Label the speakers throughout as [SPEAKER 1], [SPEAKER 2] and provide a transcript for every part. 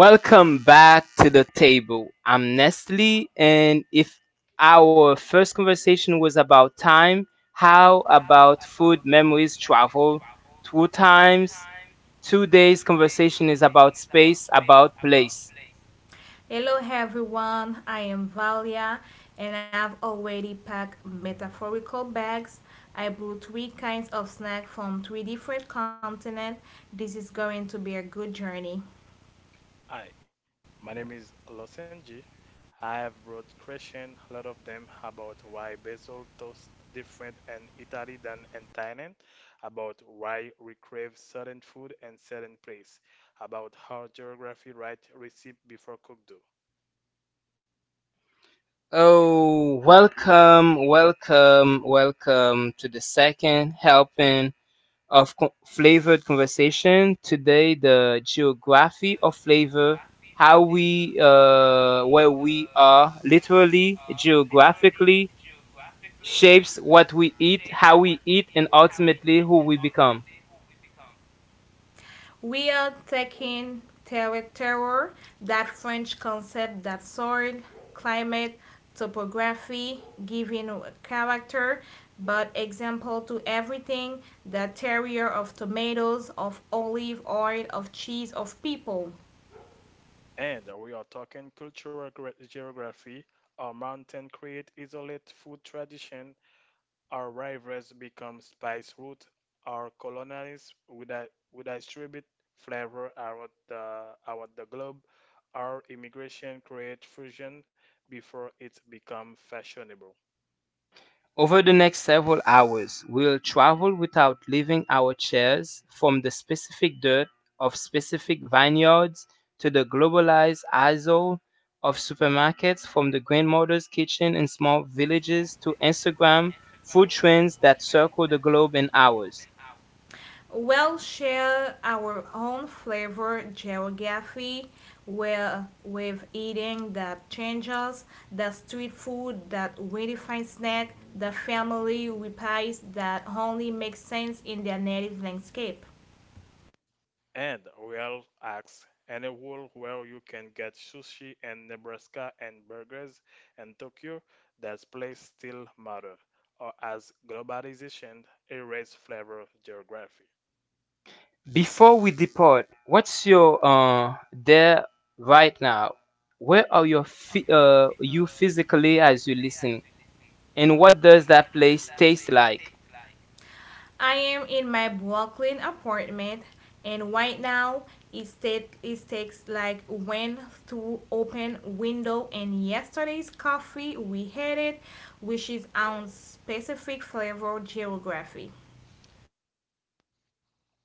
[SPEAKER 1] Welcome back to the table. I'm Nestle, and if our first conversation was about time, how about food memories travel through times? Today's conversation is about space, about place.
[SPEAKER 2] Hi, my name is Losenji. I have brought question a lot of them about why basil toast different in Italy than in Thailand, about why we crave certain food and certain place, about how geography write recipe before cook do.
[SPEAKER 1] Oh, welcome to the second helping of co- flavored conversation. Today, the geography of flavor, how where we are, literally, geographically, shapes what we eat, how we eat, and ultimately who we become.
[SPEAKER 2] And we are talking cultural geography, our mountain create isolate food tradition. Our rivals become spice route. Our colonialists would would distribute flavor around the globe. Our immigration create fusion before it become fashionable.
[SPEAKER 1] Over the next several hours, we'll travel without leaving our chairs from the specific dirt of specific vineyards to the globalized aisle of supermarkets, from the grandmother's kitchen in small villages to Instagram food trends that circle the globe in hours.
[SPEAKER 2] And real acts and a world where you can get sushi in Nebraska and burgers in Tokyo, that place still matter, or as globalization erase flavor geography.
[SPEAKER 1] Before we depart, what's your there right now? Where are your you physically as you listen? And what does that place taste like?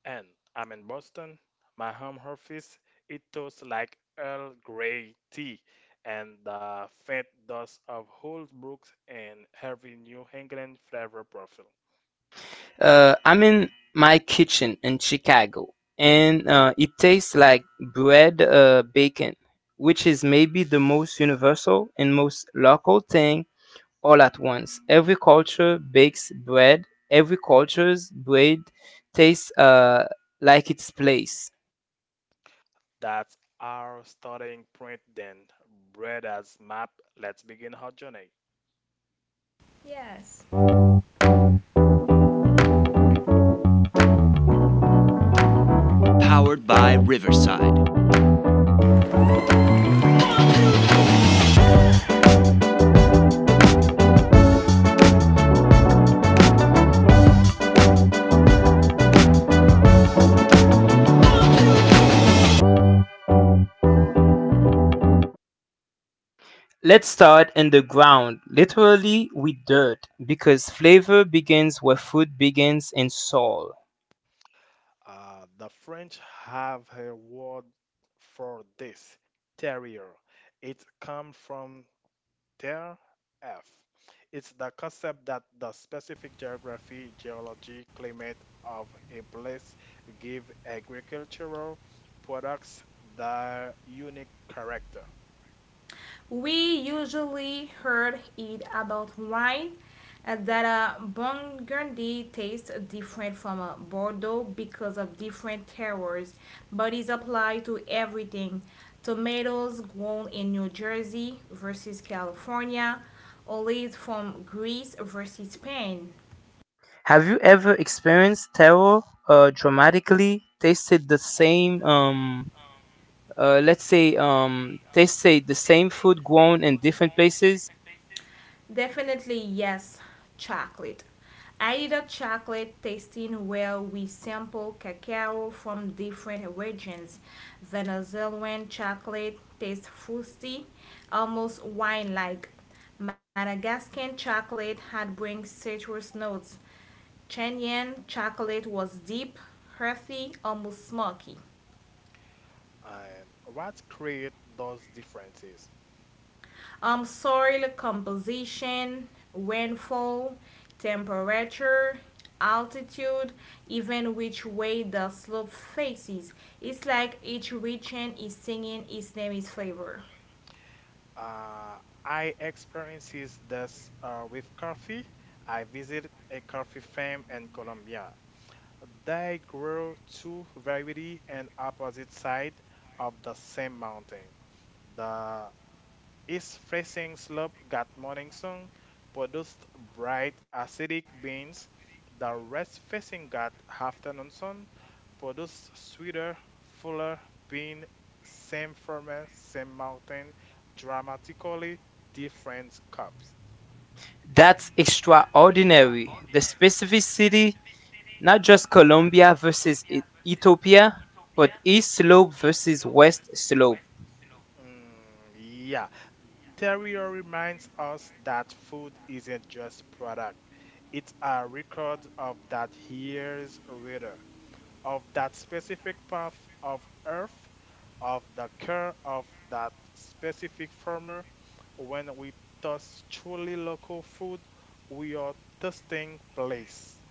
[SPEAKER 2] And I'm in Boston. My home office, it tastes like Earl Grey tea and the faint dust of old books and heavy New England flavor profile.
[SPEAKER 1] I'm in my kitchen in Chicago, and it tastes like bread, bacon, which is maybe the most universal and most local thing all at once. Every culture bakes bread. Every culture's bread tastes like its place.
[SPEAKER 2] That's our starting point then. Bread as map, let's begin our journey.
[SPEAKER 1] Let's start in the ground, literally with dirt, because flavor begins where food begins in soil.
[SPEAKER 2] The French have a word for this, terrier. It comes from thereof. It's the concept that the specific geography, geology, climate of a place give agricultural products their unique character.
[SPEAKER 1] Have you ever experienced terror dramatically? Tasted the same tasted the same food grown in different places?
[SPEAKER 2] And what create those differences? Uh, I experiences this with coffee. I visited a coffee farm in Colombia. They grow two very and opposite side of the same mountain. The east-facing slope got morning sun, produced bright acidic beans. The west-facing got afternoon sun, produced sweeter, fuller bean. Same farmer, same mountain, dramatically different crops.
[SPEAKER 1] That's extraordinary. The specificity, not just Colombia versus Ethiopia, but East Slope versus West Slope.
[SPEAKER 2] Mm, yeah, Terrio reminds us that food isn't just product. It's a record of that year's weather, of that specific path of earth, of the care of that specific farmer. When we taste truly local food, we are tasting place.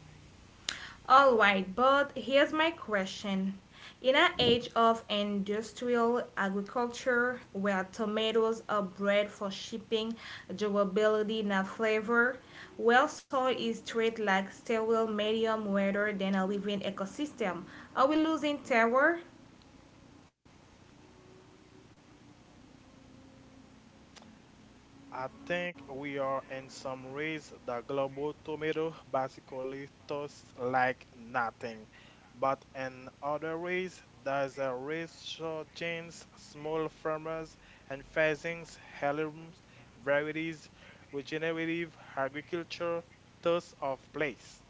[SPEAKER 2] I think we are in some ways the global tomato basically tastes like nothing, but in other ways there's a resurgence, small farmers and pheasants, heirlooms, varieties, regenerative agriculture, thirst of place.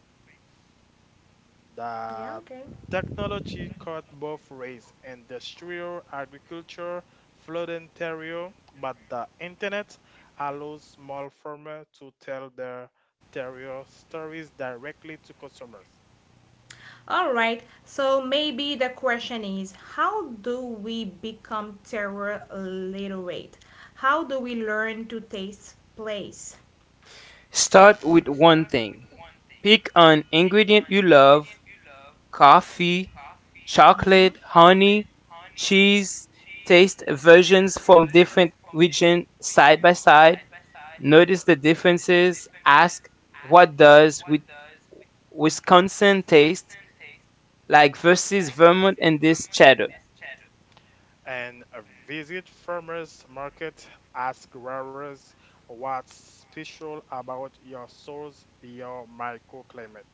[SPEAKER 2] The technology cut both race and industrial agriculture flooded Ontario, but the internet allows small farmers to tell their terrier stories directly to consumers.
[SPEAKER 1] Start with one thing. Pick an ingredient you love coffee, chocolate, honey, cheese taste versions from different regions side by side. Notice the differences. Ask what does with Wisconsin taste like versus Vermont and this cheddar.
[SPEAKER 2] And visit farmers market, ask growers what's special about your source, your microclimate.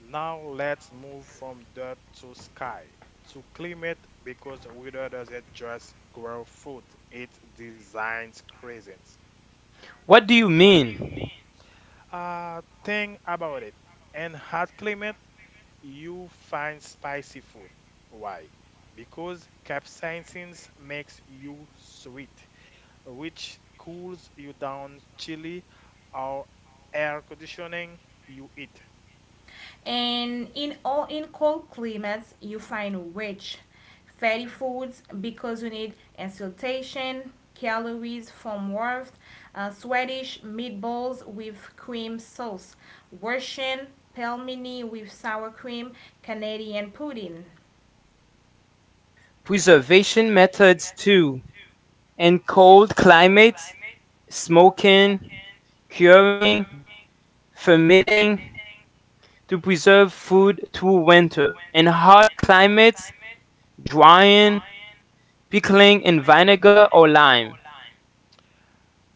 [SPEAKER 2] Now let's move from dirt to sky, to climate, because weather doesn't just grow food, it designs cuisines.
[SPEAKER 1] What do you mean?
[SPEAKER 2] Think about it. In hot climate, you find spicy food. Why? Because capsaicins makes you sweet, which cools you down. Chili or air conditioning, you eat.
[SPEAKER 1] Preservation methods too. In cold climates, smoking, curing, fermenting, to preserve food through winter. In hot climates, drying, pickling in vinegar or lime.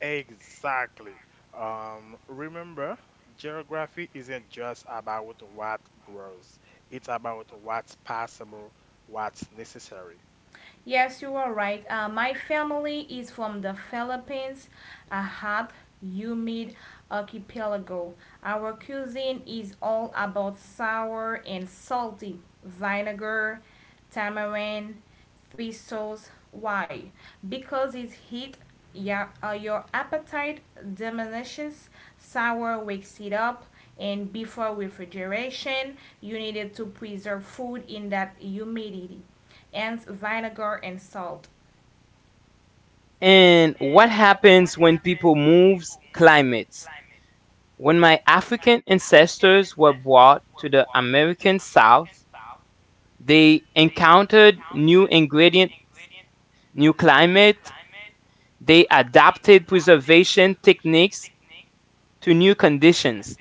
[SPEAKER 2] Exactly. Remember, geography isn't just about what grows, it's about what's possible, what's necessary.
[SPEAKER 1] And what happens when people moves climates? When my African ancestors were brought to the American South, they encountered new ingredient, new climate, they adapted preservation techniques to new conditions.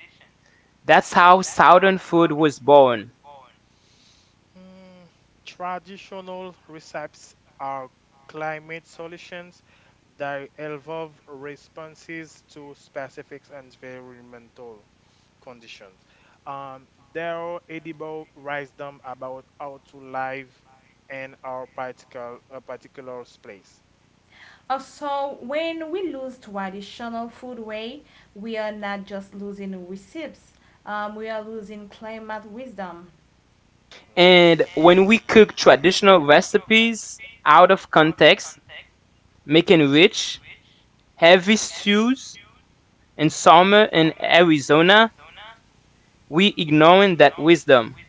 [SPEAKER 1] That's how southern food was born.
[SPEAKER 2] Mm, traditional recipes are climate solutions that involve responses to specific environmental conditions. There are edible wisdom about how to live in our particular place. Mhm.
[SPEAKER 1] And when we cook traditional recipes out of context, making rich, heavy stews in summer in Arizona, we ignoring that wisdom.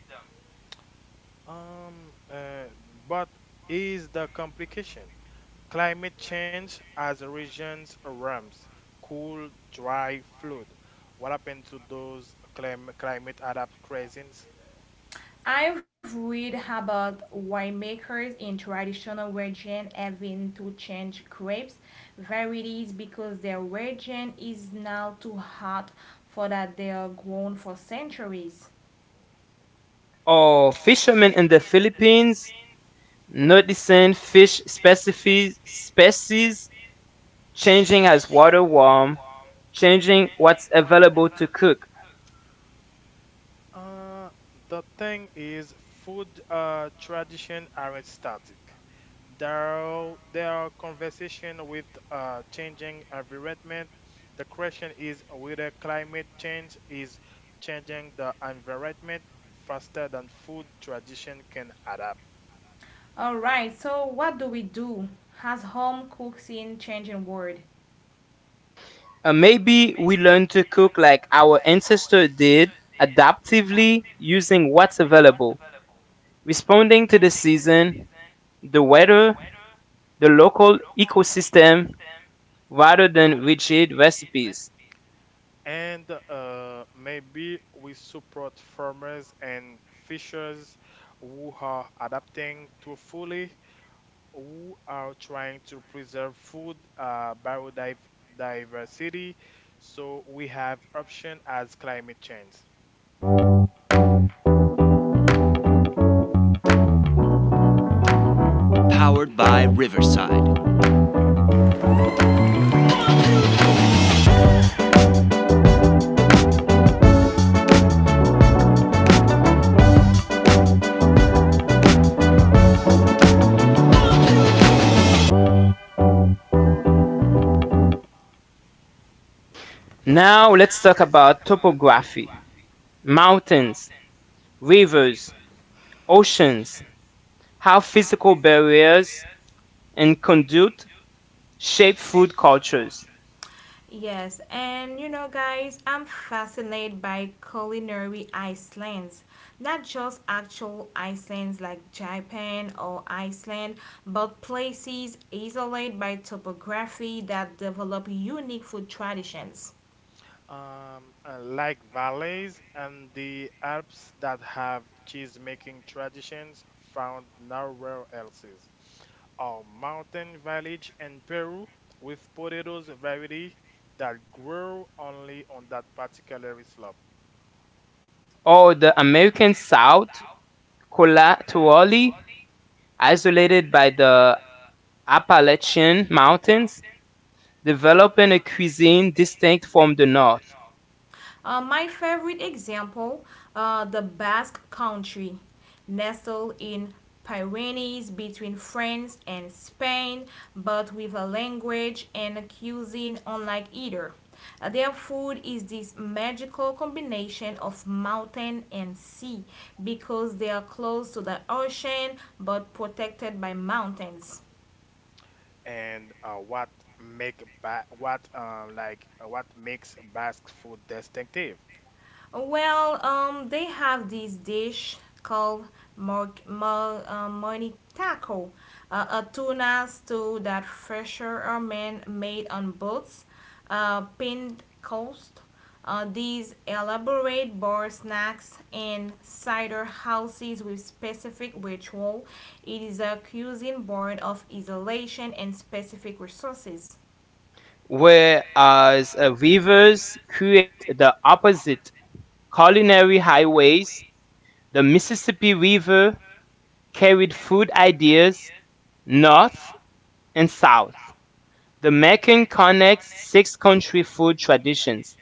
[SPEAKER 2] Um, uh, but is the complication climate change as regions warms, cool, dry, flood? What happened to those climate adapt crazies?
[SPEAKER 1] Or fishermen in the Philippines noticing fish species changing as water warm, changing what's available to cook.
[SPEAKER 2] Uh, the thing is, food tradition aren't static. There are conversation with changing environment. The question is whether climate change is changing the environment faster than food tradition can adapt.
[SPEAKER 1] Maybe we learn to cook like our ancestors did, adaptively using what's available, responding to the season, the weather, the local ecosystem, rather than rigid recipes.
[SPEAKER 2] And maybe we support farmers and fishers who are adapting too fully who are trying to preserve food biodiversity, so we have option as climate change.
[SPEAKER 1] Now let's talk about topography, mountains, rivers, oceans, how physical barriers and conduit shape food cultures,
[SPEAKER 2] Like valleys and the Alps that have cheese-making traditions found nowhere else. Our mountain village in Peru with potatoes variety that grow only on that particular slope.
[SPEAKER 1] or the American South collaterally isolated by the Appalachian Mountains, developing a cuisine distinct from the North.
[SPEAKER 2] And what make ba what like what makes Basque food distinctive?
[SPEAKER 1] Whereas rivers create the opposite culinary highways, the Mississippi River carried food ideas north and south. The Mekong connects six country food traditions,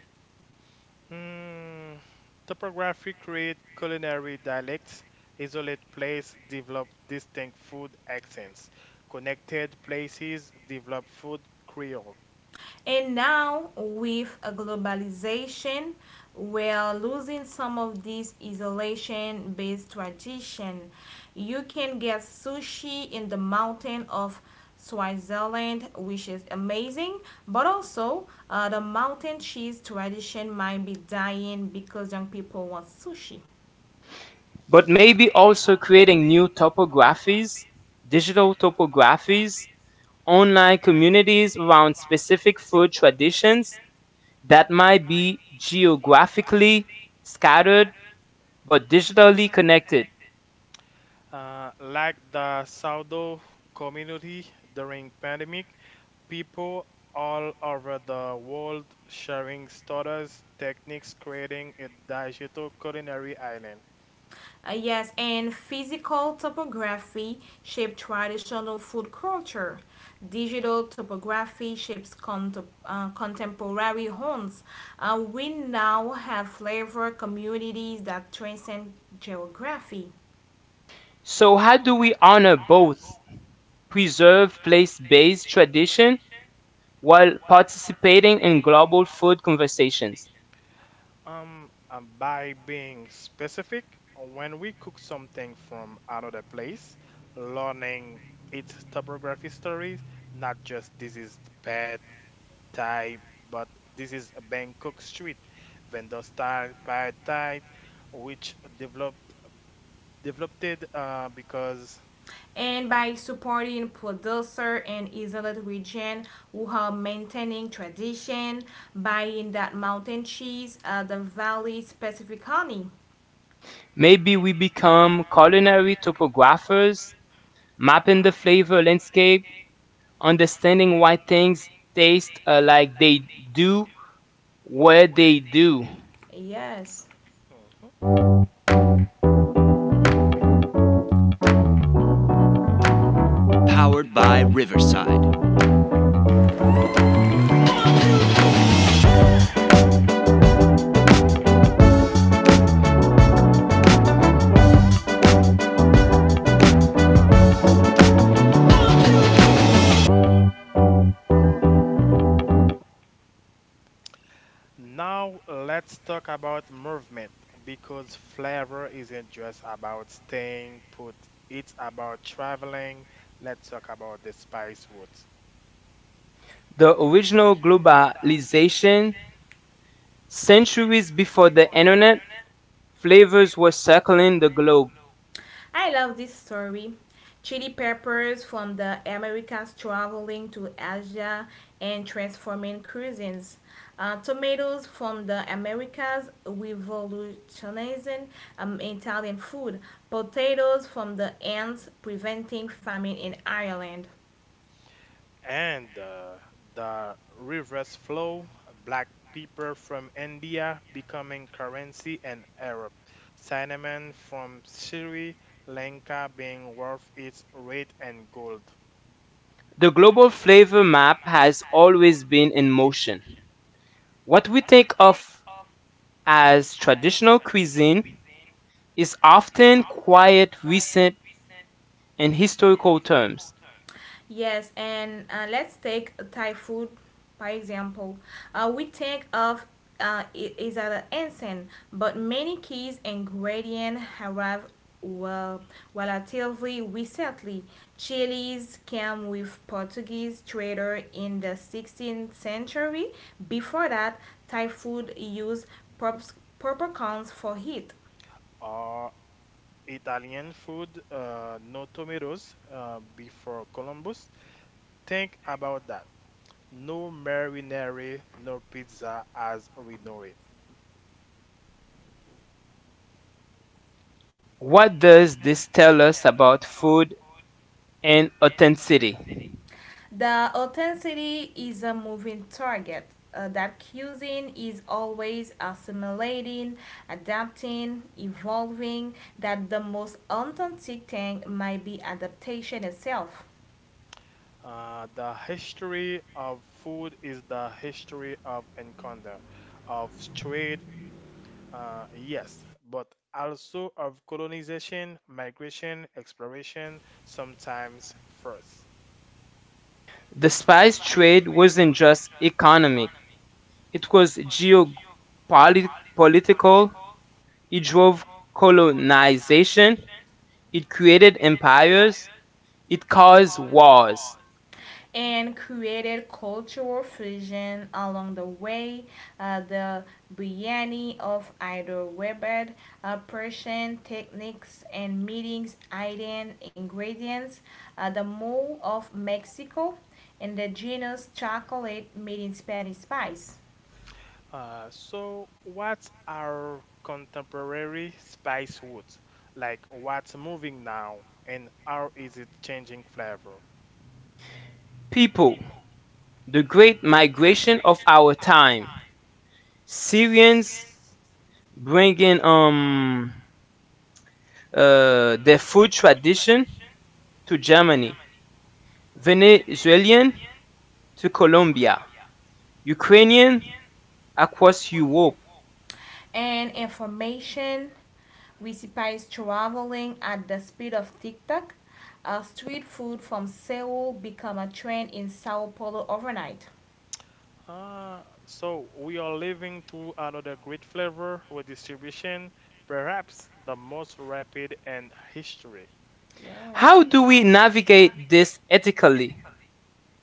[SPEAKER 2] Mm, topography create culinary dialects, isolate place develop distinct food accents, connected places develop food creole.
[SPEAKER 1] but maybe also creating new topographies, digital topographies, online communities around specific food traditions that might be geographically scattered but digitally connected.
[SPEAKER 2] Like the sourdough community during pandemic, people all over the world sharing stories, techniques, creating a digital culinary island.
[SPEAKER 1] So, how do we honor both preserve place based tradition while participating in global food conversations?
[SPEAKER 2] And by being specific, when we cook something from another place, learning its topography stories, not just this is bad, Thai, but this is a Bangkok street vendor style pad Thai, which developed it because.
[SPEAKER 1] Maybe we become culinary topographers, mapping the flavor landscape, understanding why things taste like they do, where they do.
[SPEAKER 2] Mhm. Now let's talk about movement because flavor isn't just about staying put. It's about traveling. Let's talk about the spice route.
[SPEAKER 1] The original globalization, centuries before the internet, flavors were circling the globe.
[SPEAKER 2] And the reverse flow, black pepper from India becoming currency in Europe, cinnamon from Sri Lanka being worth its weight in gold,
[SPEAKER 1] The global flavor map has always been in motion. What we think of as traditional cuisine is often quite recent in historical terms.
[SPEAKER 2] or Italian food, no tomatoes before Columbus. Think about that. No marinara, no pizza as we know it.
[SPEAKER 1] What does this tell us about food and authenticity?
[SPEAKER 2] The history of food is the history of encounter, of trade, yes, but also of colonization, migration, exploration, sometimes first.
[SPEAKER 1] The spice trade wasn't just economic, it was geopolitical, it drove colonization, it created empires, it caused wars.
[SPEAKER 2] Mhm. So what are contemporary spice woods? Like, what's moving now, and how is it changing flavor?
[SPEAKER 1] People, the Great Migration of our time. Syrians bringing their food tradition to Germany, Venezuelan to Colombia, Ukrainian across Europe.
[SPEAKER 2] So we are living to another great flavor redistribution, perhaps the most rapid in history.
[SPEAKER 1] How do we navigate this ethically?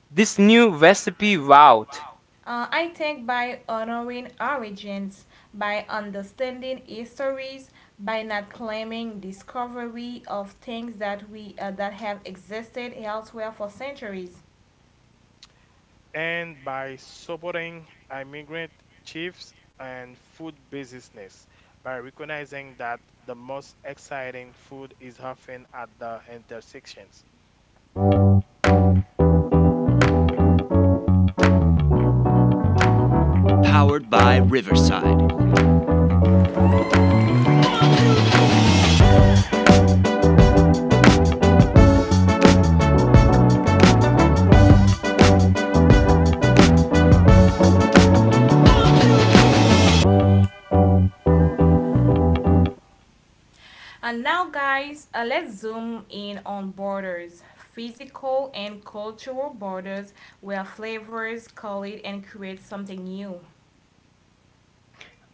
[SPEAKER 1] This new recipe route.
[SPEAKER 2] And by supporting immigrant chiefs and food business, by recognizing that the most exciting food is often at the intersections.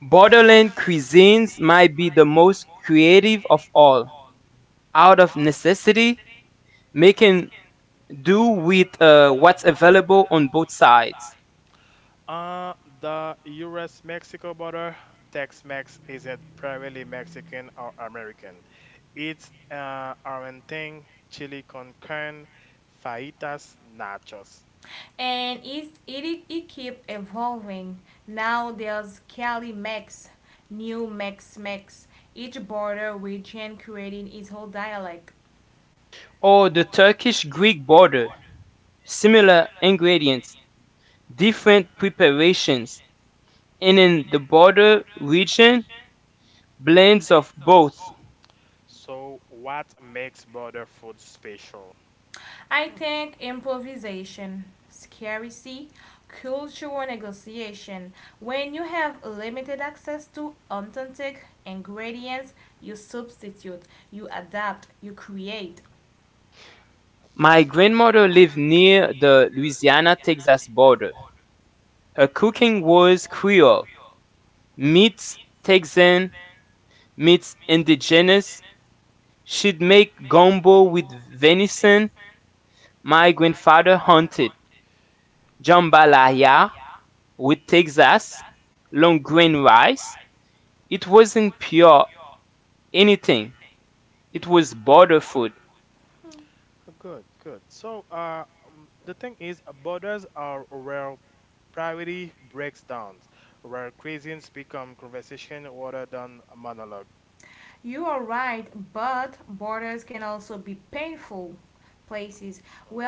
[SPEAKER 1] Borderland cuisines might be the most creative of all. Out of necessity, making do with what's available on both sides.
[SPEAKER 2] Uh, the US-Mexico border, Tex-Mex isn't primarily Mexican or American. It's arenting, chili con carne, fajitas, nachos.
[SPEAKER 1] Or the Turkish Greek border, similar ingredients, different preparations, and in the border region, blends of both.
[SPEAKER 2] So, what makes border food special?
[SPEAKER 1] My grandmother lived near the Louisiana Texas border. Her cooking was Creole, meets Texan, meets indigenous. She'd make gumbo with venison. My grandfather hunted jambalaya with Texas long grain rice. It wasn't pure anything, it was border food.
[SPEAKER 2] Good, good. So, the thing is, borders are where priority breaks down, where cuisines become conversation rather than a monologue. Mm,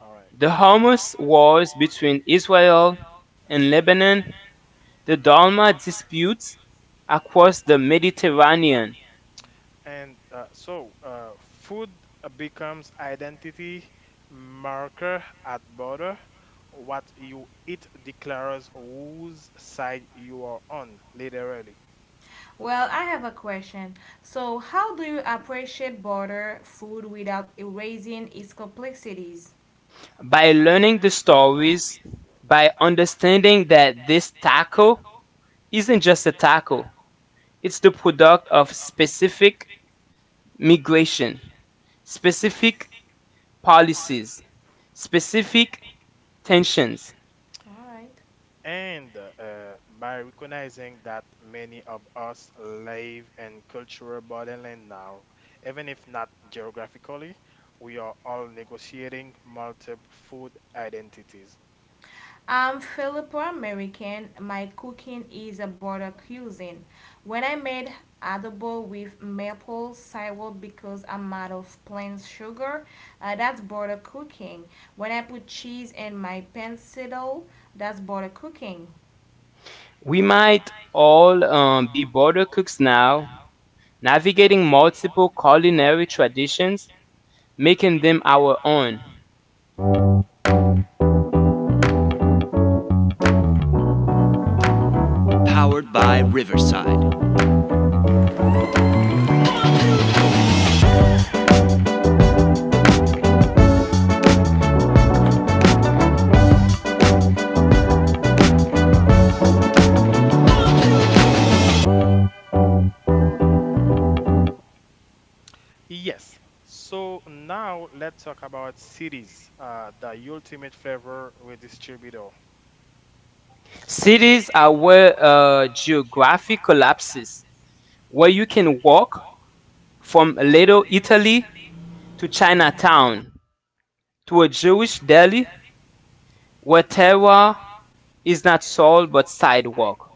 [SPEAKER 2] all right.
[SPEAKER 1] The Hamas wars between Israel and Lebanon, the Dalma disputes across the Mediterranean.
[SPEAKER 2] And so food becomes identity marker at border. What you eat declares whose side you are on, literally.
[SPEAKER 1] By learning the stories, by understanding that this taco isn't just a taco, it's the product of specific migration, specific policies, specific tensions.
[SPEAKER 2] And by recognizing that many of us live in cultural borderland now, even if not geographically, we are all negotiating multiple food identities.
[SPEAKER 1] We might all be border cooks now, navigating multiple culinary traditions, making them our own.
[SPEAKER 2] Yes. So now let's talk about cities, the ultimate flavor redistributor.
[SPEAKER 1] Cities are where geography collapses, where you can walk from Little Italy to Chinatown to a Jewish deli where terroir is not sold but sidewalk.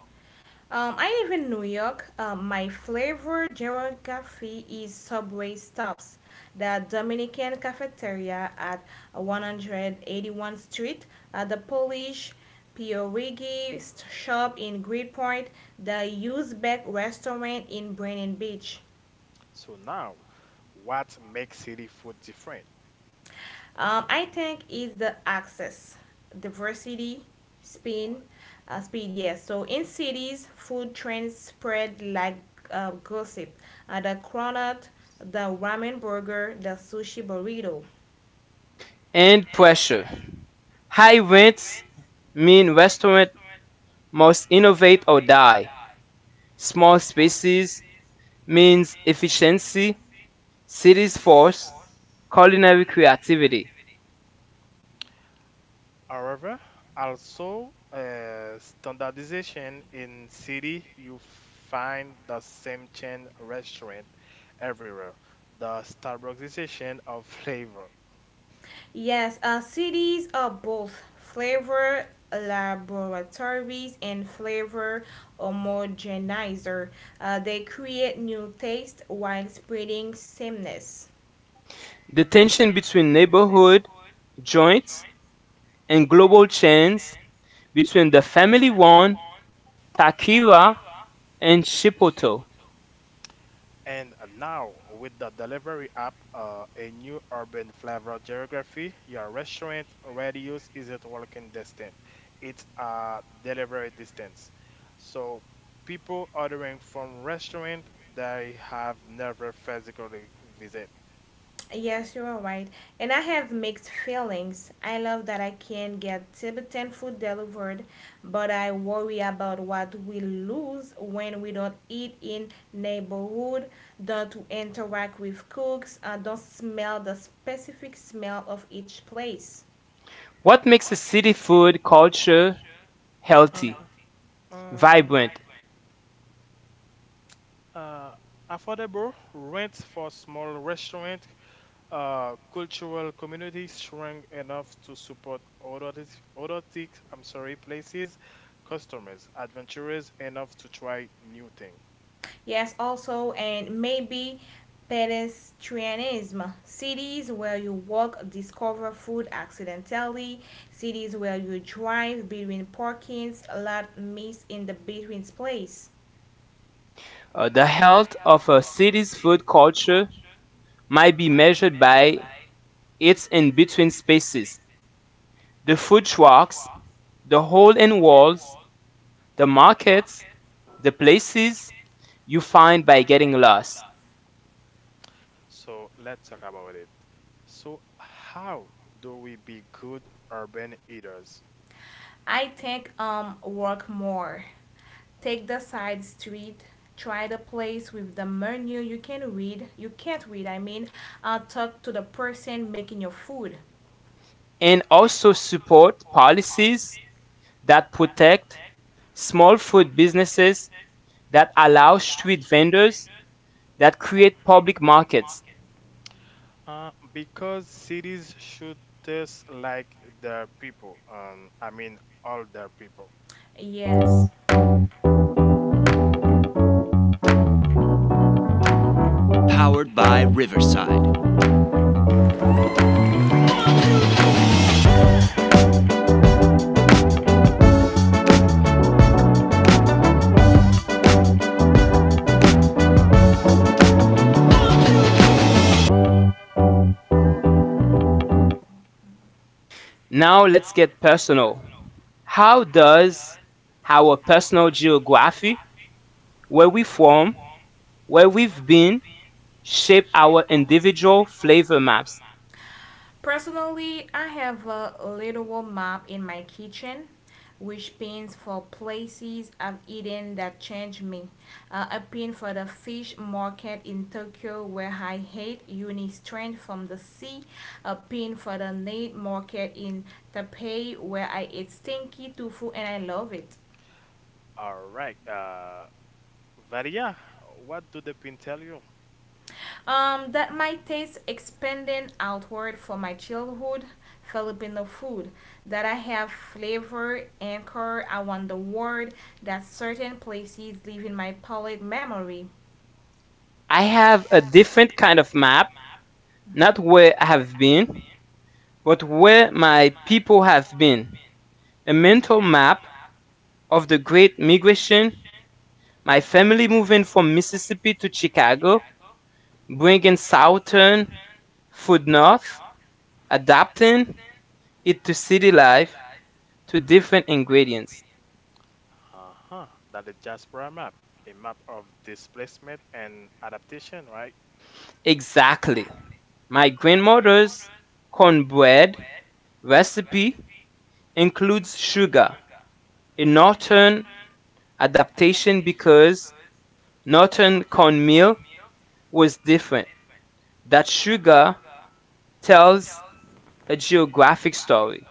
[SPEAKER 2] So now, what makes city food different? All right.
[SPEAKER 1] And pressure. High rents mean restaurant must innovate or die. Small spaces means efficiency, cities force culinary creativity.
[SPEAKER 2] However, also standardization in city, you find the same chain restaurant everywhere. The standardization of flavor.
[SPEAKER 1] The tension between neighborhood joints and global chains between the family run Takira and Chipotle.
[SPEAKER 2] And now, with the delivery app, a new urban flavor geography, your restaurant radius isn't walking distance, it's a delivery distance. So, people ordering from restaurant they have never physically visit. Mhm.
[SPEAKER 1] What makes a city food culture
[SPEAKER 2] Uh,
[SPEAKER 1] healthy,
[SPEAKER 2] um,
[SPEAKER 1] vibrant?
[SPEAKER 2] uh, affordable rent for small restaurant cultural communities shrunk enough to support authentic I'm sorry, places, customers, adventurers enough to try new things.
[SPEAKER 1] The health of a city's food culture might be measured by its in-between spaces, the food trucks, the hole-in walls, the markets, the places you find by getting lost,
[SPEAKER 2] So let's talk about it. So how do we be good urban eaters? Mhm.
[SPEAKER 1] and also support policies that protect small food businesses, that allow street vendors, that create public markets.
[SPEAKER 2] Because cities should taste like their people. I mean all their people.
[SPEAKER 1] Now let's get personal. How does our personal geography, where we from, where we've been shape our individual flavor maps.
[SPEAKER 2] All right. Varia, what do the pin tell you?
[SPEAKER 1] I have a different kind of map, not where I have been, but where my people have been. A mental map of the great migration, my family moving from Mississippi to Chicago, bringing Southern food north, adapting it to city life, to different ingredients.
[SPEAKER 2] Uh-huh. That is diaspora map, a map of displacement and adaptation, right?
[SPEAKER 1] Exactly. My grandmother's cornbread recipe includes sugar, a northern adaptation because northern cornmeal was different. That sugar tells a geographic story.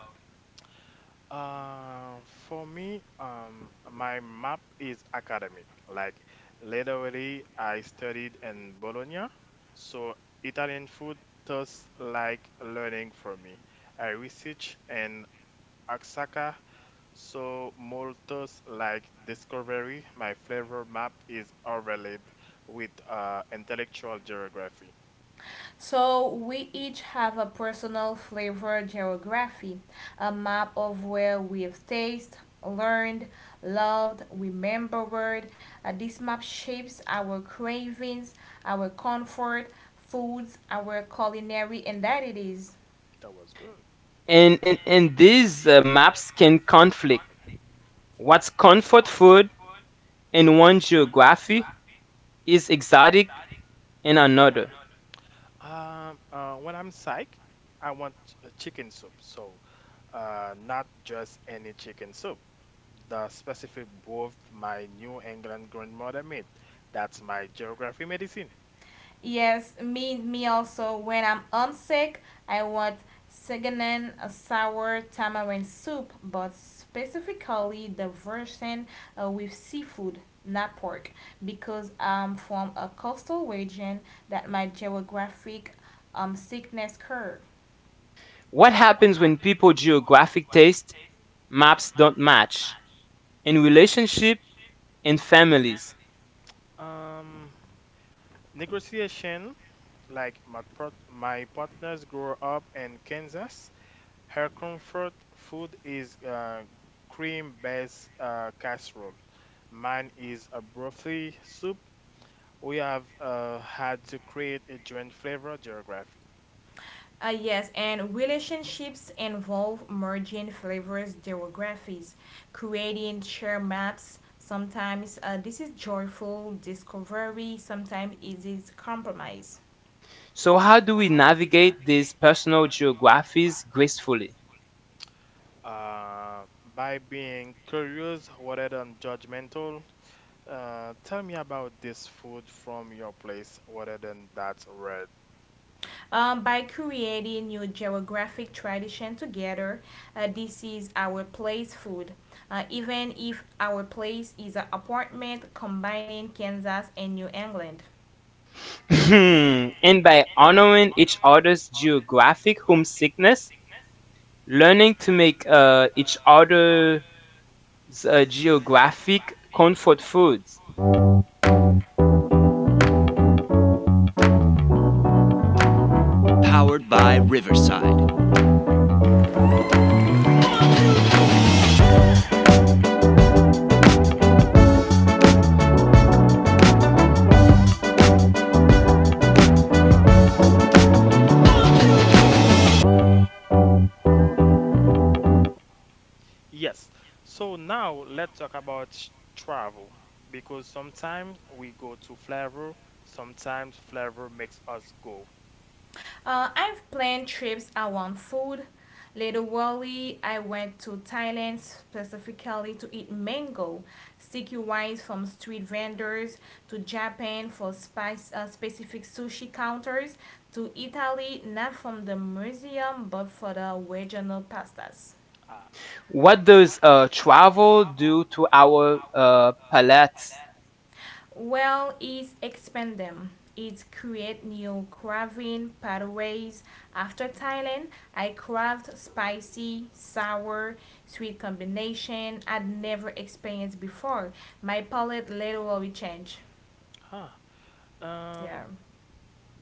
[SPEAKER 2] For me, my map is academic. Like literally, I studied in Bologna, so Italian food tastes like learning for me. I research in Oaxaca, so more tastes like discovery. My flavor map is overlaid with intellectual geography. That was good.
[SPEAKER 1] And these maps can conflict. What's comfort food in one geography is exotic in another.
[SPEAKER 2] When I'm psych, I want a chicken soup. So, not just any chicken soup. The specific broth my New England grandmother made. That's my geography medicine.
[SPEAKER 1] What happens when people geographic taste maps don't match in relationship and families?
[SPEAKER 2] Um, negotiation, like my partners grew up in Kansas. Her comfort food is cream-based casserole. Mine is a brothy soup we have had to create a joint flavor geography.
[SPEAKER 1] So, how do we navigate these personal geographies gracefully?
[SPEAKER 2] Uh, by being curious rather than judgmental, tell me about this food from your place rather than that red.
[SPEAKER 1] And by honoring each other's geographic homesickness, learning to make each other's geographic comfort foods.
[SPEAKER 2] Yes, so now let's talk about travel because sometimes we go to flavor, sometimes flavor makes us go. Mhm, mhm. Ah,
[SPEAKER 1] What does travel do to our palates?
[SPEAKER 2] huh. Um,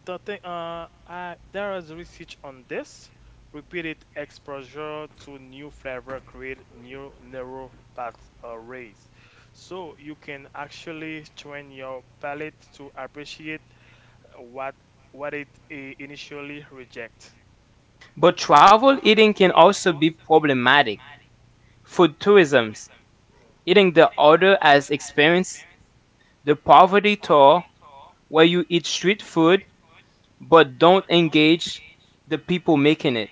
[SPEAKER 2] The thing, there is research on this. Repeated exposure to new flavor create new neural pathways. So you can actually train your palate to appreciate what what it initially reject.
[SPEAKER 1] But travel eating can also be problematic. Food tourisms, eating the other as experience, the poverty tour, where you eat street food but don't engage the people making it.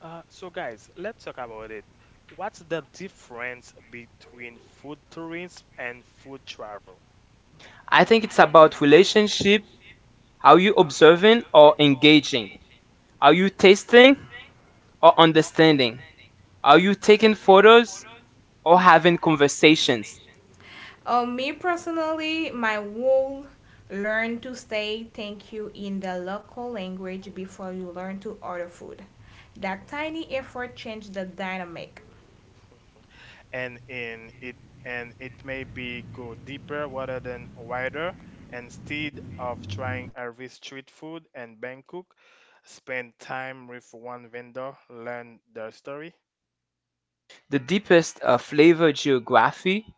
[SPEAKER 2] So guys, let's talk about it. What's the difference between food tourism and food travel?
[SPEAKER 1] I think it's about relationship. Are you observing or engaging? Are you tasting or understanding? Are you taking photos or having conversations?
[SPEAKER 2] Hmm. and in it and it may be go deeper rather than wider instead of trying every street food in Bangkok spend time with one vendor learn their story,
[SPEAKER 1] The deepest flavor geography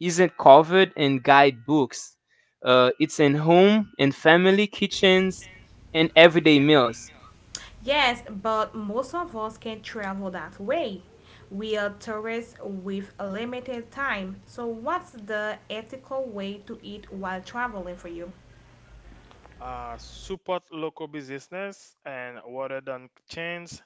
[SPEAKER 1] isn't covered in guidebooks. It's in home, in family kitchens, and everyday meals.
[SPEAKER 2] support local business and rather than chains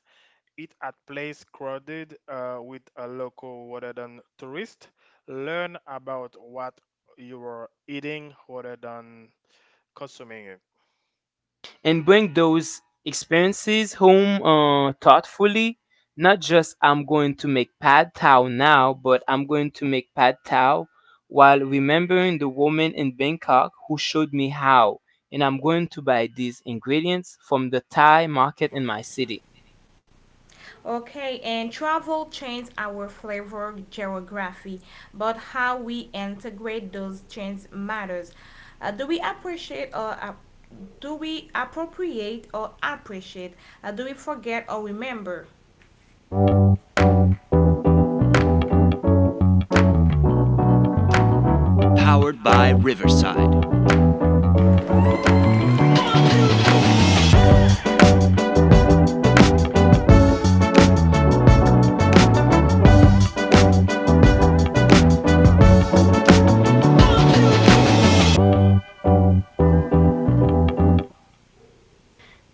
[SPEAKER 2] eat at place crowded with a local rather than tourist learn about what you are eating rather than consuming.
[SPEAKER 1] And bring those experiences home thoughtfully. Not just I'm going to make pad thai now, but I'm going to make pad thai while remembering the woman in Bangkok who showed me how. And I'm going to buy these ingredients from the Thai market in my city.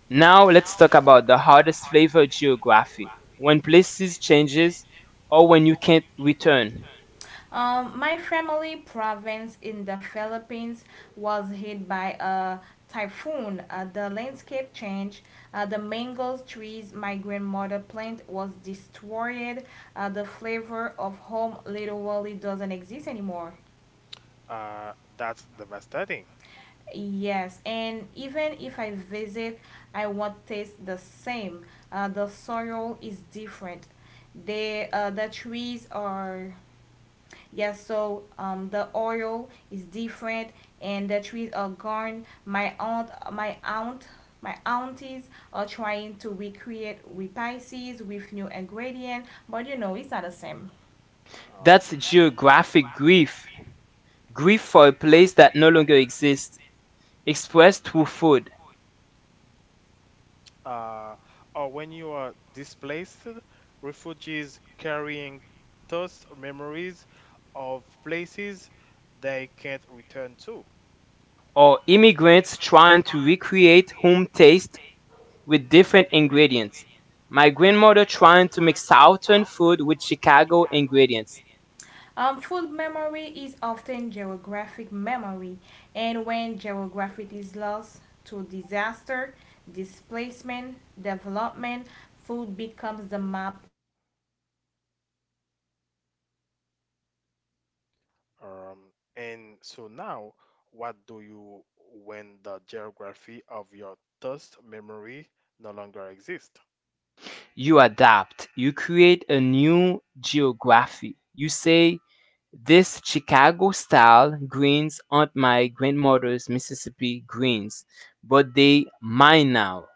[SPEAKER 1] Now let's talk about the hardest flavor geography. When places changes or when you can't return.
[SPEAKER 2] That's devastating. All right.
[SPEAKER 1] That's geographic grief. Grief for a place that no longer exists expressed through food,
[SPEAKER 2] Uh, or when you are displaced, refugees carrying those memories of places they can't return to.
[SPEAKER 1] or immigrants trying to recreate home taste with different ingredients. My grandmother trying to make Southern food with Chicago ingredients.
[SPEAKER 2] Um, and so now, what do you when the geography of your thirst memory no longer exists?
[SPEAKER 1] You adapt, you create a new geography. You say, this Chicago style greens aren't my grandmother's Mississippi greens, but they mine now.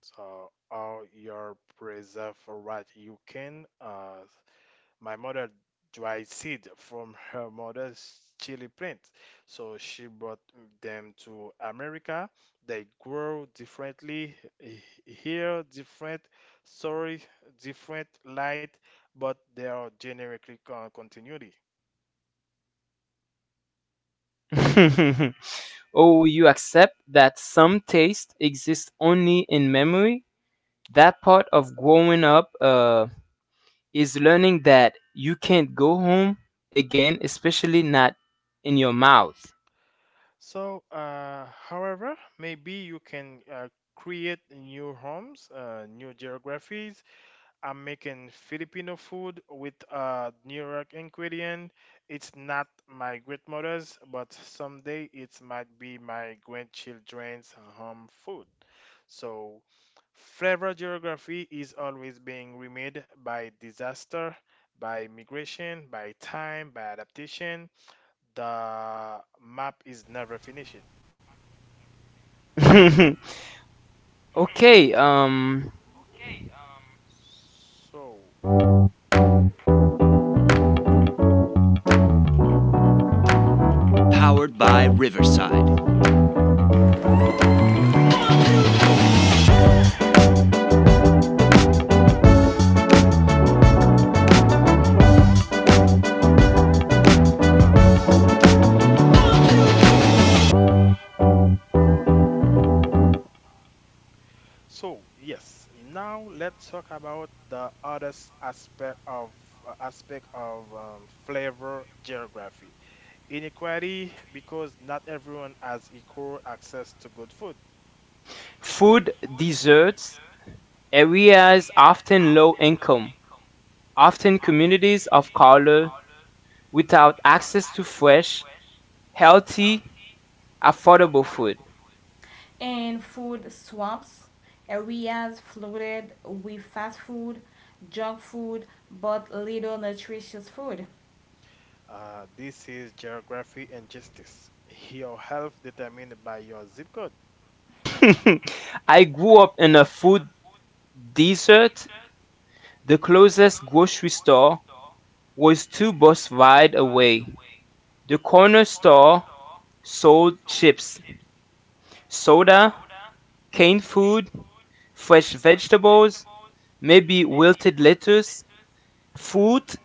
[SPEAKER 2] So, are your preserve what you can? My mother dried seed from her mother's chili plant. So she brought them to America. They grow differently, eh, here different story, different light, but they are generically continuity.
[SPEAKER 1] Oh, you accept that some taste exists only in memory that part of growing up is learning that you can't go home again, especially not in your mouth.
[SPEAKER 2] So however, maybe you can create new homes, new geographies, I'm making Filipino food with a New York ingredient. It's not my grandmother's, but someday it might be my grandchildren's home food. So, flavor geography is always being remade by disaster, by migration, by time, by adaptation. The map is never finished.
[SPEAKER 1] Okay,
[SPEAKER 2] So, So now let's talk about the other aspect of flavor geography. Inequality because not everyone has equal access to good food.
[SPEAKER 1] food, desserts, areas often low income, often communities of color without access to fresh, healthy, affordable food.
[SPEAKER 3] And food swaps, areas flooded with fast food, junk food, but little nutritious food.
[SPEAKER 2] This is geography and justice. Your health determined by your zip code.
[SPEAKER 1] I grew up in a food desert. The closest grocery store was two bus ride away. The corner store sold chips, soda, canned food, fresh vegetables, maybe wilted lettuce, fruit,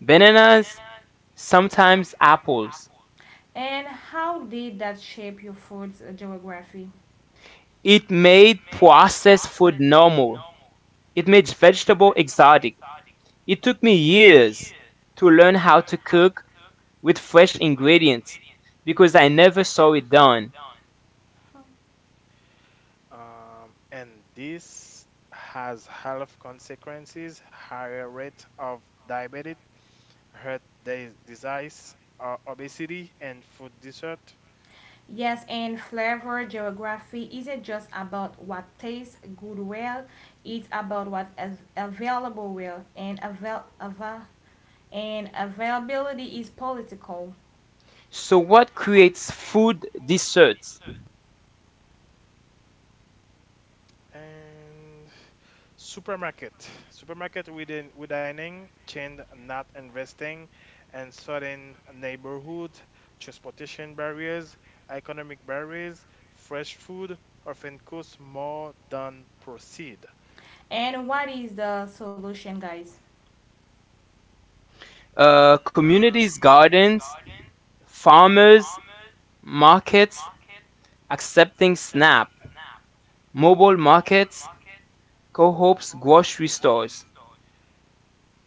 [SPEAKER 1] bananas, sometimes apples.
[SPEAKER 3] And how did that shape your food's geography?
[SPEAKER 1] It made processed food normal. It made vegetable exotic. It took me years to learn how to cook with fresh ingredients because I never saw it done.
[SPEAKER 2] And this has health consequences, higher rate of diabetes, heart disease, obesity, and food desert.
[SPEAKER 3] Yes, and flavor geography isn't just about what tastes good, well, it's about what is available, well, and, and availability is political.
[SPEAKER 1] So, what creates food deserts?
[SPEAKER 2] And supermarket within chain not investing, and certain neighborhood, transportation barriers, economic barriers, fresh food often costs more than proceed.
[SPEAKER 3] And what is the solution, guys?
[SPEAKER 1] Communities, gardens, farmers markets accepting SNAP, mobile markets, co-ops, grocery stores.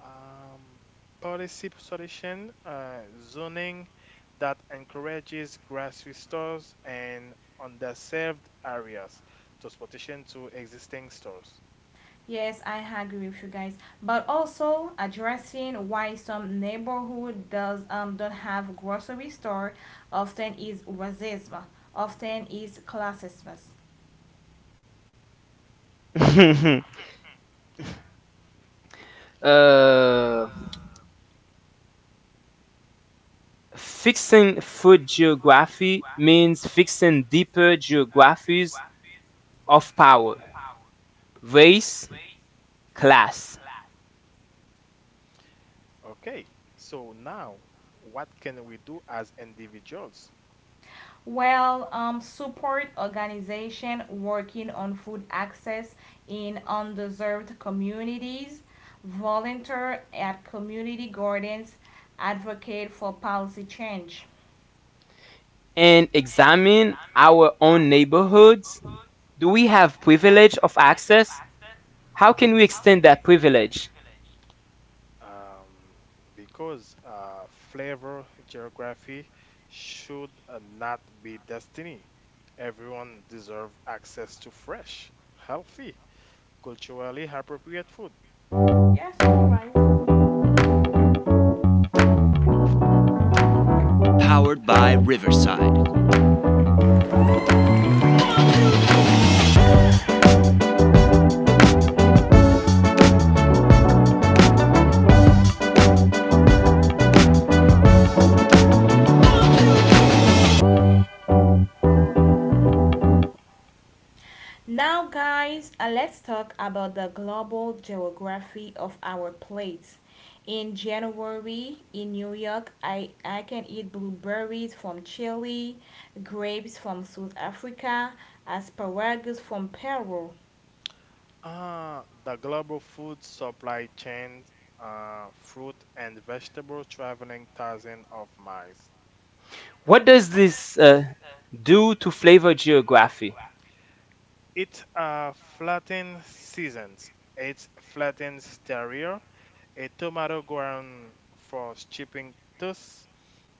[SPEAKER 2] Um, policy solution, zoning that encourages grocery stores and underserved areas, transportation to existing stores.
[SPEAKER 3] Yes, I agree with you guys, but also addressing why some neighborhood does don't have grocery store, often is racism, often is classism.
[SPEAKER 1] uh, Fixing food geography means fixing deeper geographies of power, race, class,
[SPEAKER 2] Okay, so now what can we do as individuals?
[SPEAKER 3] Well, support organization working on food access in underserved communities, volunteer at community gardens, advocate for policy change.
[SPEAKER 1] and examine our own neighborhoods. Do we have privilege of access? How can we extend that privilege?
[SPEAKER 2] Um, because flavor geography should not be destiny. Everyone deserve access to fresh, healthy, culturally appropriate food.
[SPEAKER 3] Yes, you're right. Now, guys, let's talk about the global geography of our plates. In January in New York, I can eat blueberries from Chile, grapes from South Africa, asparagus from Peru.
[SPEAKER 2] The global food supply chain, fruit and vegetable traveling thousands of miles.
[SPEAKER 1] What does this do to flavor geography?
[SPEAKER 2] It flattens seasons. It flattens stereo. A tomato ground for chipping toast.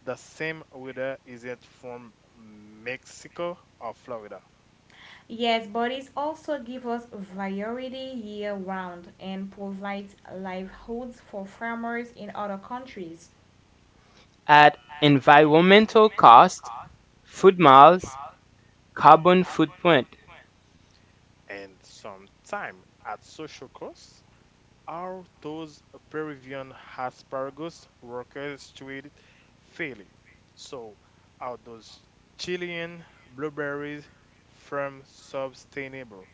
[SPEAKER 2] The same weather is it from Mexico or Florida.
[SPEAKER 3] Yes, bodies also give us variety year round and provides livelihoods for farmers in other countries.
[SPEAKER 1] At environmental cost, food miles, carbon footprint.
[SPEAKER 2] And sometime at social costs, are those Peruvian asparagus workers treated fairly? So are those Chilean blueberries from sustainable?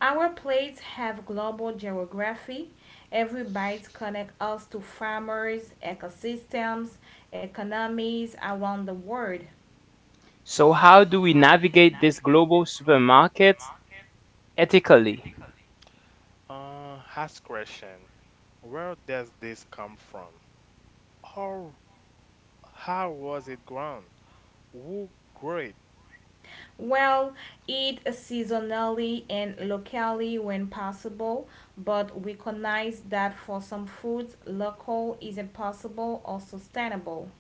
[SPEAKER 3] Our plates have global geography. Every bite connects us to farmers, ecosystems, economies around the world.
[SPEAKER 1] So, how do we navigate this global supermarket ethically?
[SPEAKER 2] Ask question. Where does this come from? How how was it grown? Who grew it?
[SPEAKER 3] Well, eat seasonally and locally when possible, but recognize that for some foods, local isn't possible or sustainable.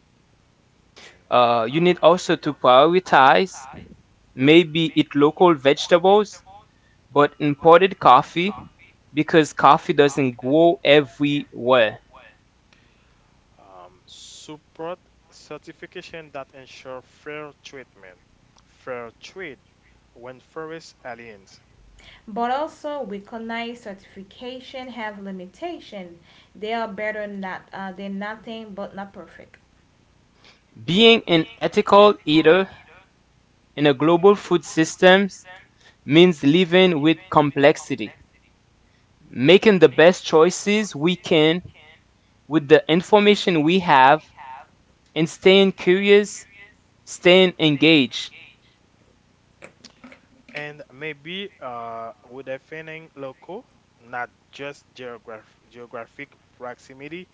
[SPEAKER 2] Mm.
[SPEAKER 1] You need also to prioritize maybe eat local vegetables but imported coffee because coffee doesn't grow everywhere.
[SPEAKER 2] Support certification that ensure fair treatment. Fair trade when forest aliens.
[SPEAKER 3] But also recognize certification have limitation. They are better not, than nothing, but not perfect.
[SPEAKER 1] Being an ethical eater in a global food systems means living with complexity, making the best choices we can with the information we have, and staying curious, staying engaged.
[SPEAKER 2] And maybe with defining local, not just geographic proximity,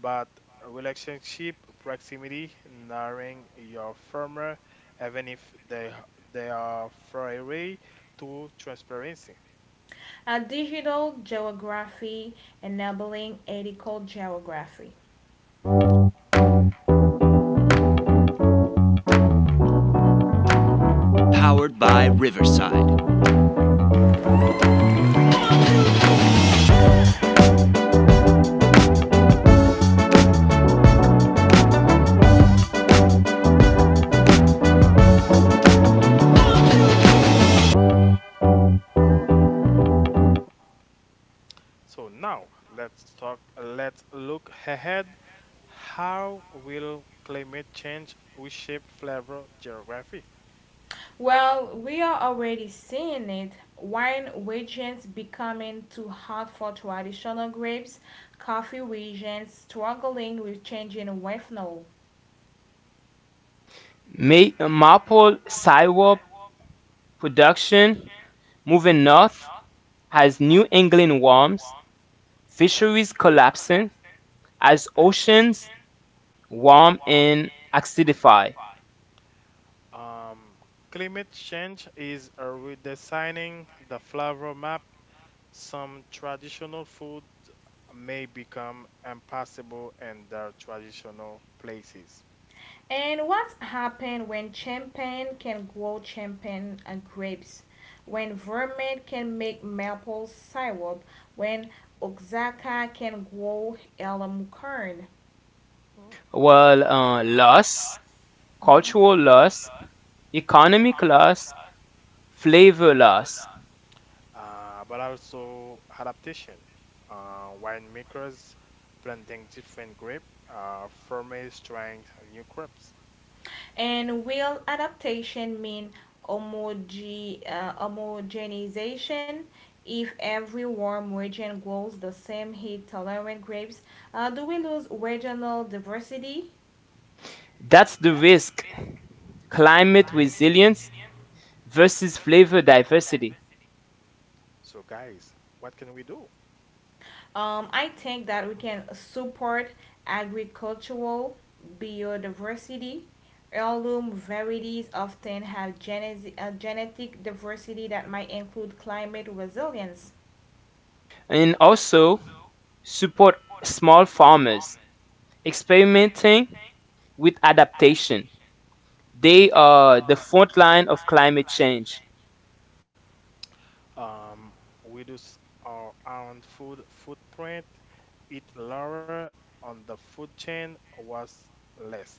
[SPEAKER 2] but relationship proximity, knowing your farmer, even if they are far away, to transparency.
[SPEAKER 3] Digital geography enabling ethical geography.
[SPEAKER 2] So now let's talk. Let's look ahead. How will climate change reshape flavor geography?
[SPEAKER 3] Well, we are already seeing it. Wine regions becoming too hot for traditional grapes, coffee regions struggling with changing wethnol.
[SPEAKER 1] Maple syrup production moving north as New England warms, fisheries collapsing as oceans warm and acidify.
[SPEAKER 2] Um, climate change is redesigning the flavor map. Some traditional food may become impossible in their traditional places.
[SPEAKER 3] And what happened when champagne can grow champagne and grapes? When vermouth can make maple syrup? When Oaxaca can grow elm corn?
[SPEAKER 2] Hmm.
[SPEAKER 1] Well, loss,
[SPEAKER 3] Mhm.
[SPEAKER 1] cultural loss, economic loss, flavor loss.
[SPEAKER 2] But also adaptation. Winemakers planting different grape, farmers trying new crops.
[SPEAKER 3] And will adaptation mean homogenization? If every warm region grows the same heat tolerant grapes, do we lose regional diversity?
[SPEAKER 1] That's the risk climate resilience versus flavor diversity.
[SPEAKER 2] So guys, what can we do?
[SPEAKER 3] I think that we can support agricultural biodiversity. Heirloom varieties often have genetic diversity that might include climate resilience.
[SPEAKER 1] And also support small farmers experimenting with adaptation. They are the front line of climate change.
[SPEAKER 2] um, reduce our own food footprint, eat lower on the food chain was less.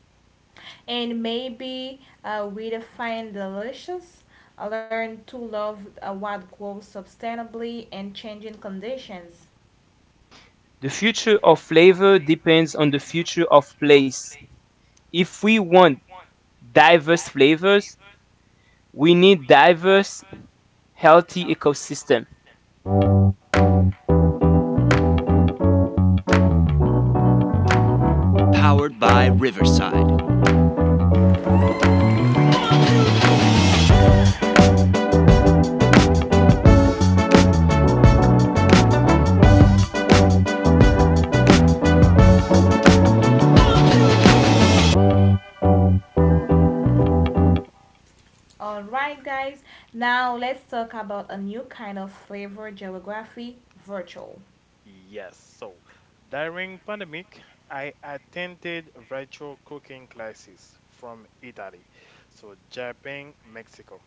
[SPEAKER 3] And maybe we define delicious, learn to love what grows sustainably and changing conditions.
[SPEAKER 1] The future of flavor depends on the future of place. If we want diverse flavors, we need diverse, healthy ecosystem.
[SPEAKER 3] All right, guys, now let's talk about a new kind of flavor geography, virtual.
[SPEAKER 2] Yes, so during pandemic, I attended virtual cooking classes from Italy, so Japan, Mexico.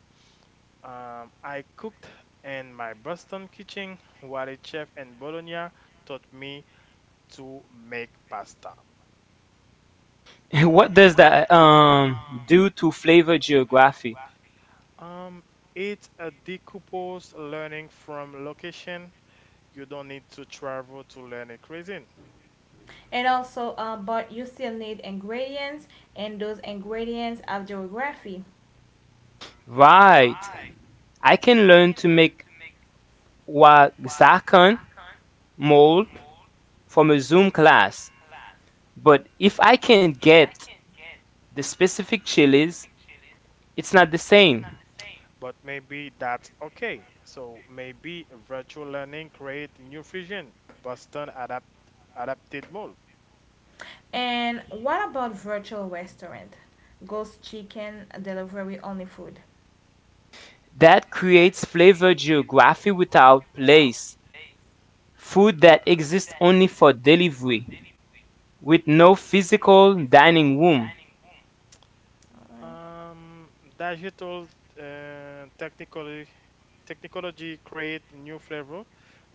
[SPEAKER 2] I cooked in my Boston kitchen while a chef in Bologna taught me to make pasta.
[SPEAKER 1] What does that do to flavor geography?
[SPEAKER 2] Um, it's a decoupled learning from location. You don't need to travel to learn a cuisine,
[SPEAKER 3] And also but you still need ingredients, and those ingredients are geography.
[SPEAKER 1] Right. I can learn to make Wagsakan mold from a Zoom class, but if I can't get the specific chilies, it's not the same.
[SPEAKER 2] but maybe that's okay. So maybe virtual learning create new fusion, Boston adapted mold.
[SPEAKER 3] And what about virtual restaurant, ghost chicken delivery only food?
[SPEAKER 1] That creates flavor geography without place, food that exists only for delivery, with no physical dining room.
[SPEAKER 3] All right.
[SPEAKER 2] Um, digital technically technology create new flavor,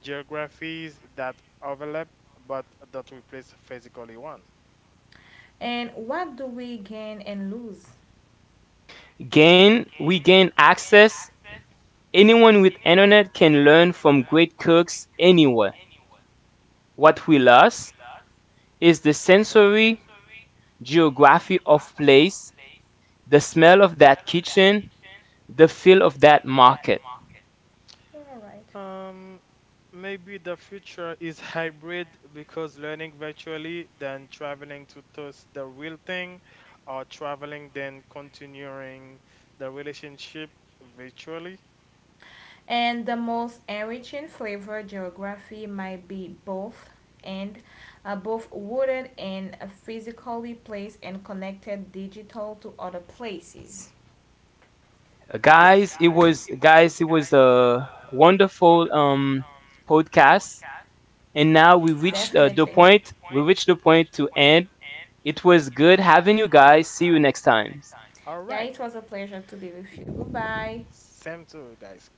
[SPEAKER 2] geographies that overlap but that replace physically one.
[SPEAKER 3] And what do we gain and lose?
[SPEAKER 1] Gain we gain access. Anyone with internet can learn from great cooks anywhere. What we lost is the sensory geography of place, the smell of that kitchen, the feel of that market.
[SPEAKER 3] All right.
[SPEAKER 2] Um, maybe the future is hybrid because learning virtually, then traveling to test the real thing, or traveling, then continuing the relationship virtually.
[SPEAKER 3] And the most enriching flavor geography might be both, and both wooded and physically placed and connected digital to other places.
[SPEAKER 2] Yes.
[SPEAKER 1] Guys, it was a wonderful podcast, and now we reached
[SPEAKER 3] Definitely.
[SPEAKER 1] the
[SPEAKER 3] Definitely.
[SPEAKER 1] point. We reached the point to end. It was good having you guys. See you next time.
[SPEAKER 2] All
[SPEAKER 3] Yeah,
[SPEAKER 2] right.
[SPEAKER 3] it was a pleasure to be with you. Goodbye.
[SPEAKER 2] Same to you guys.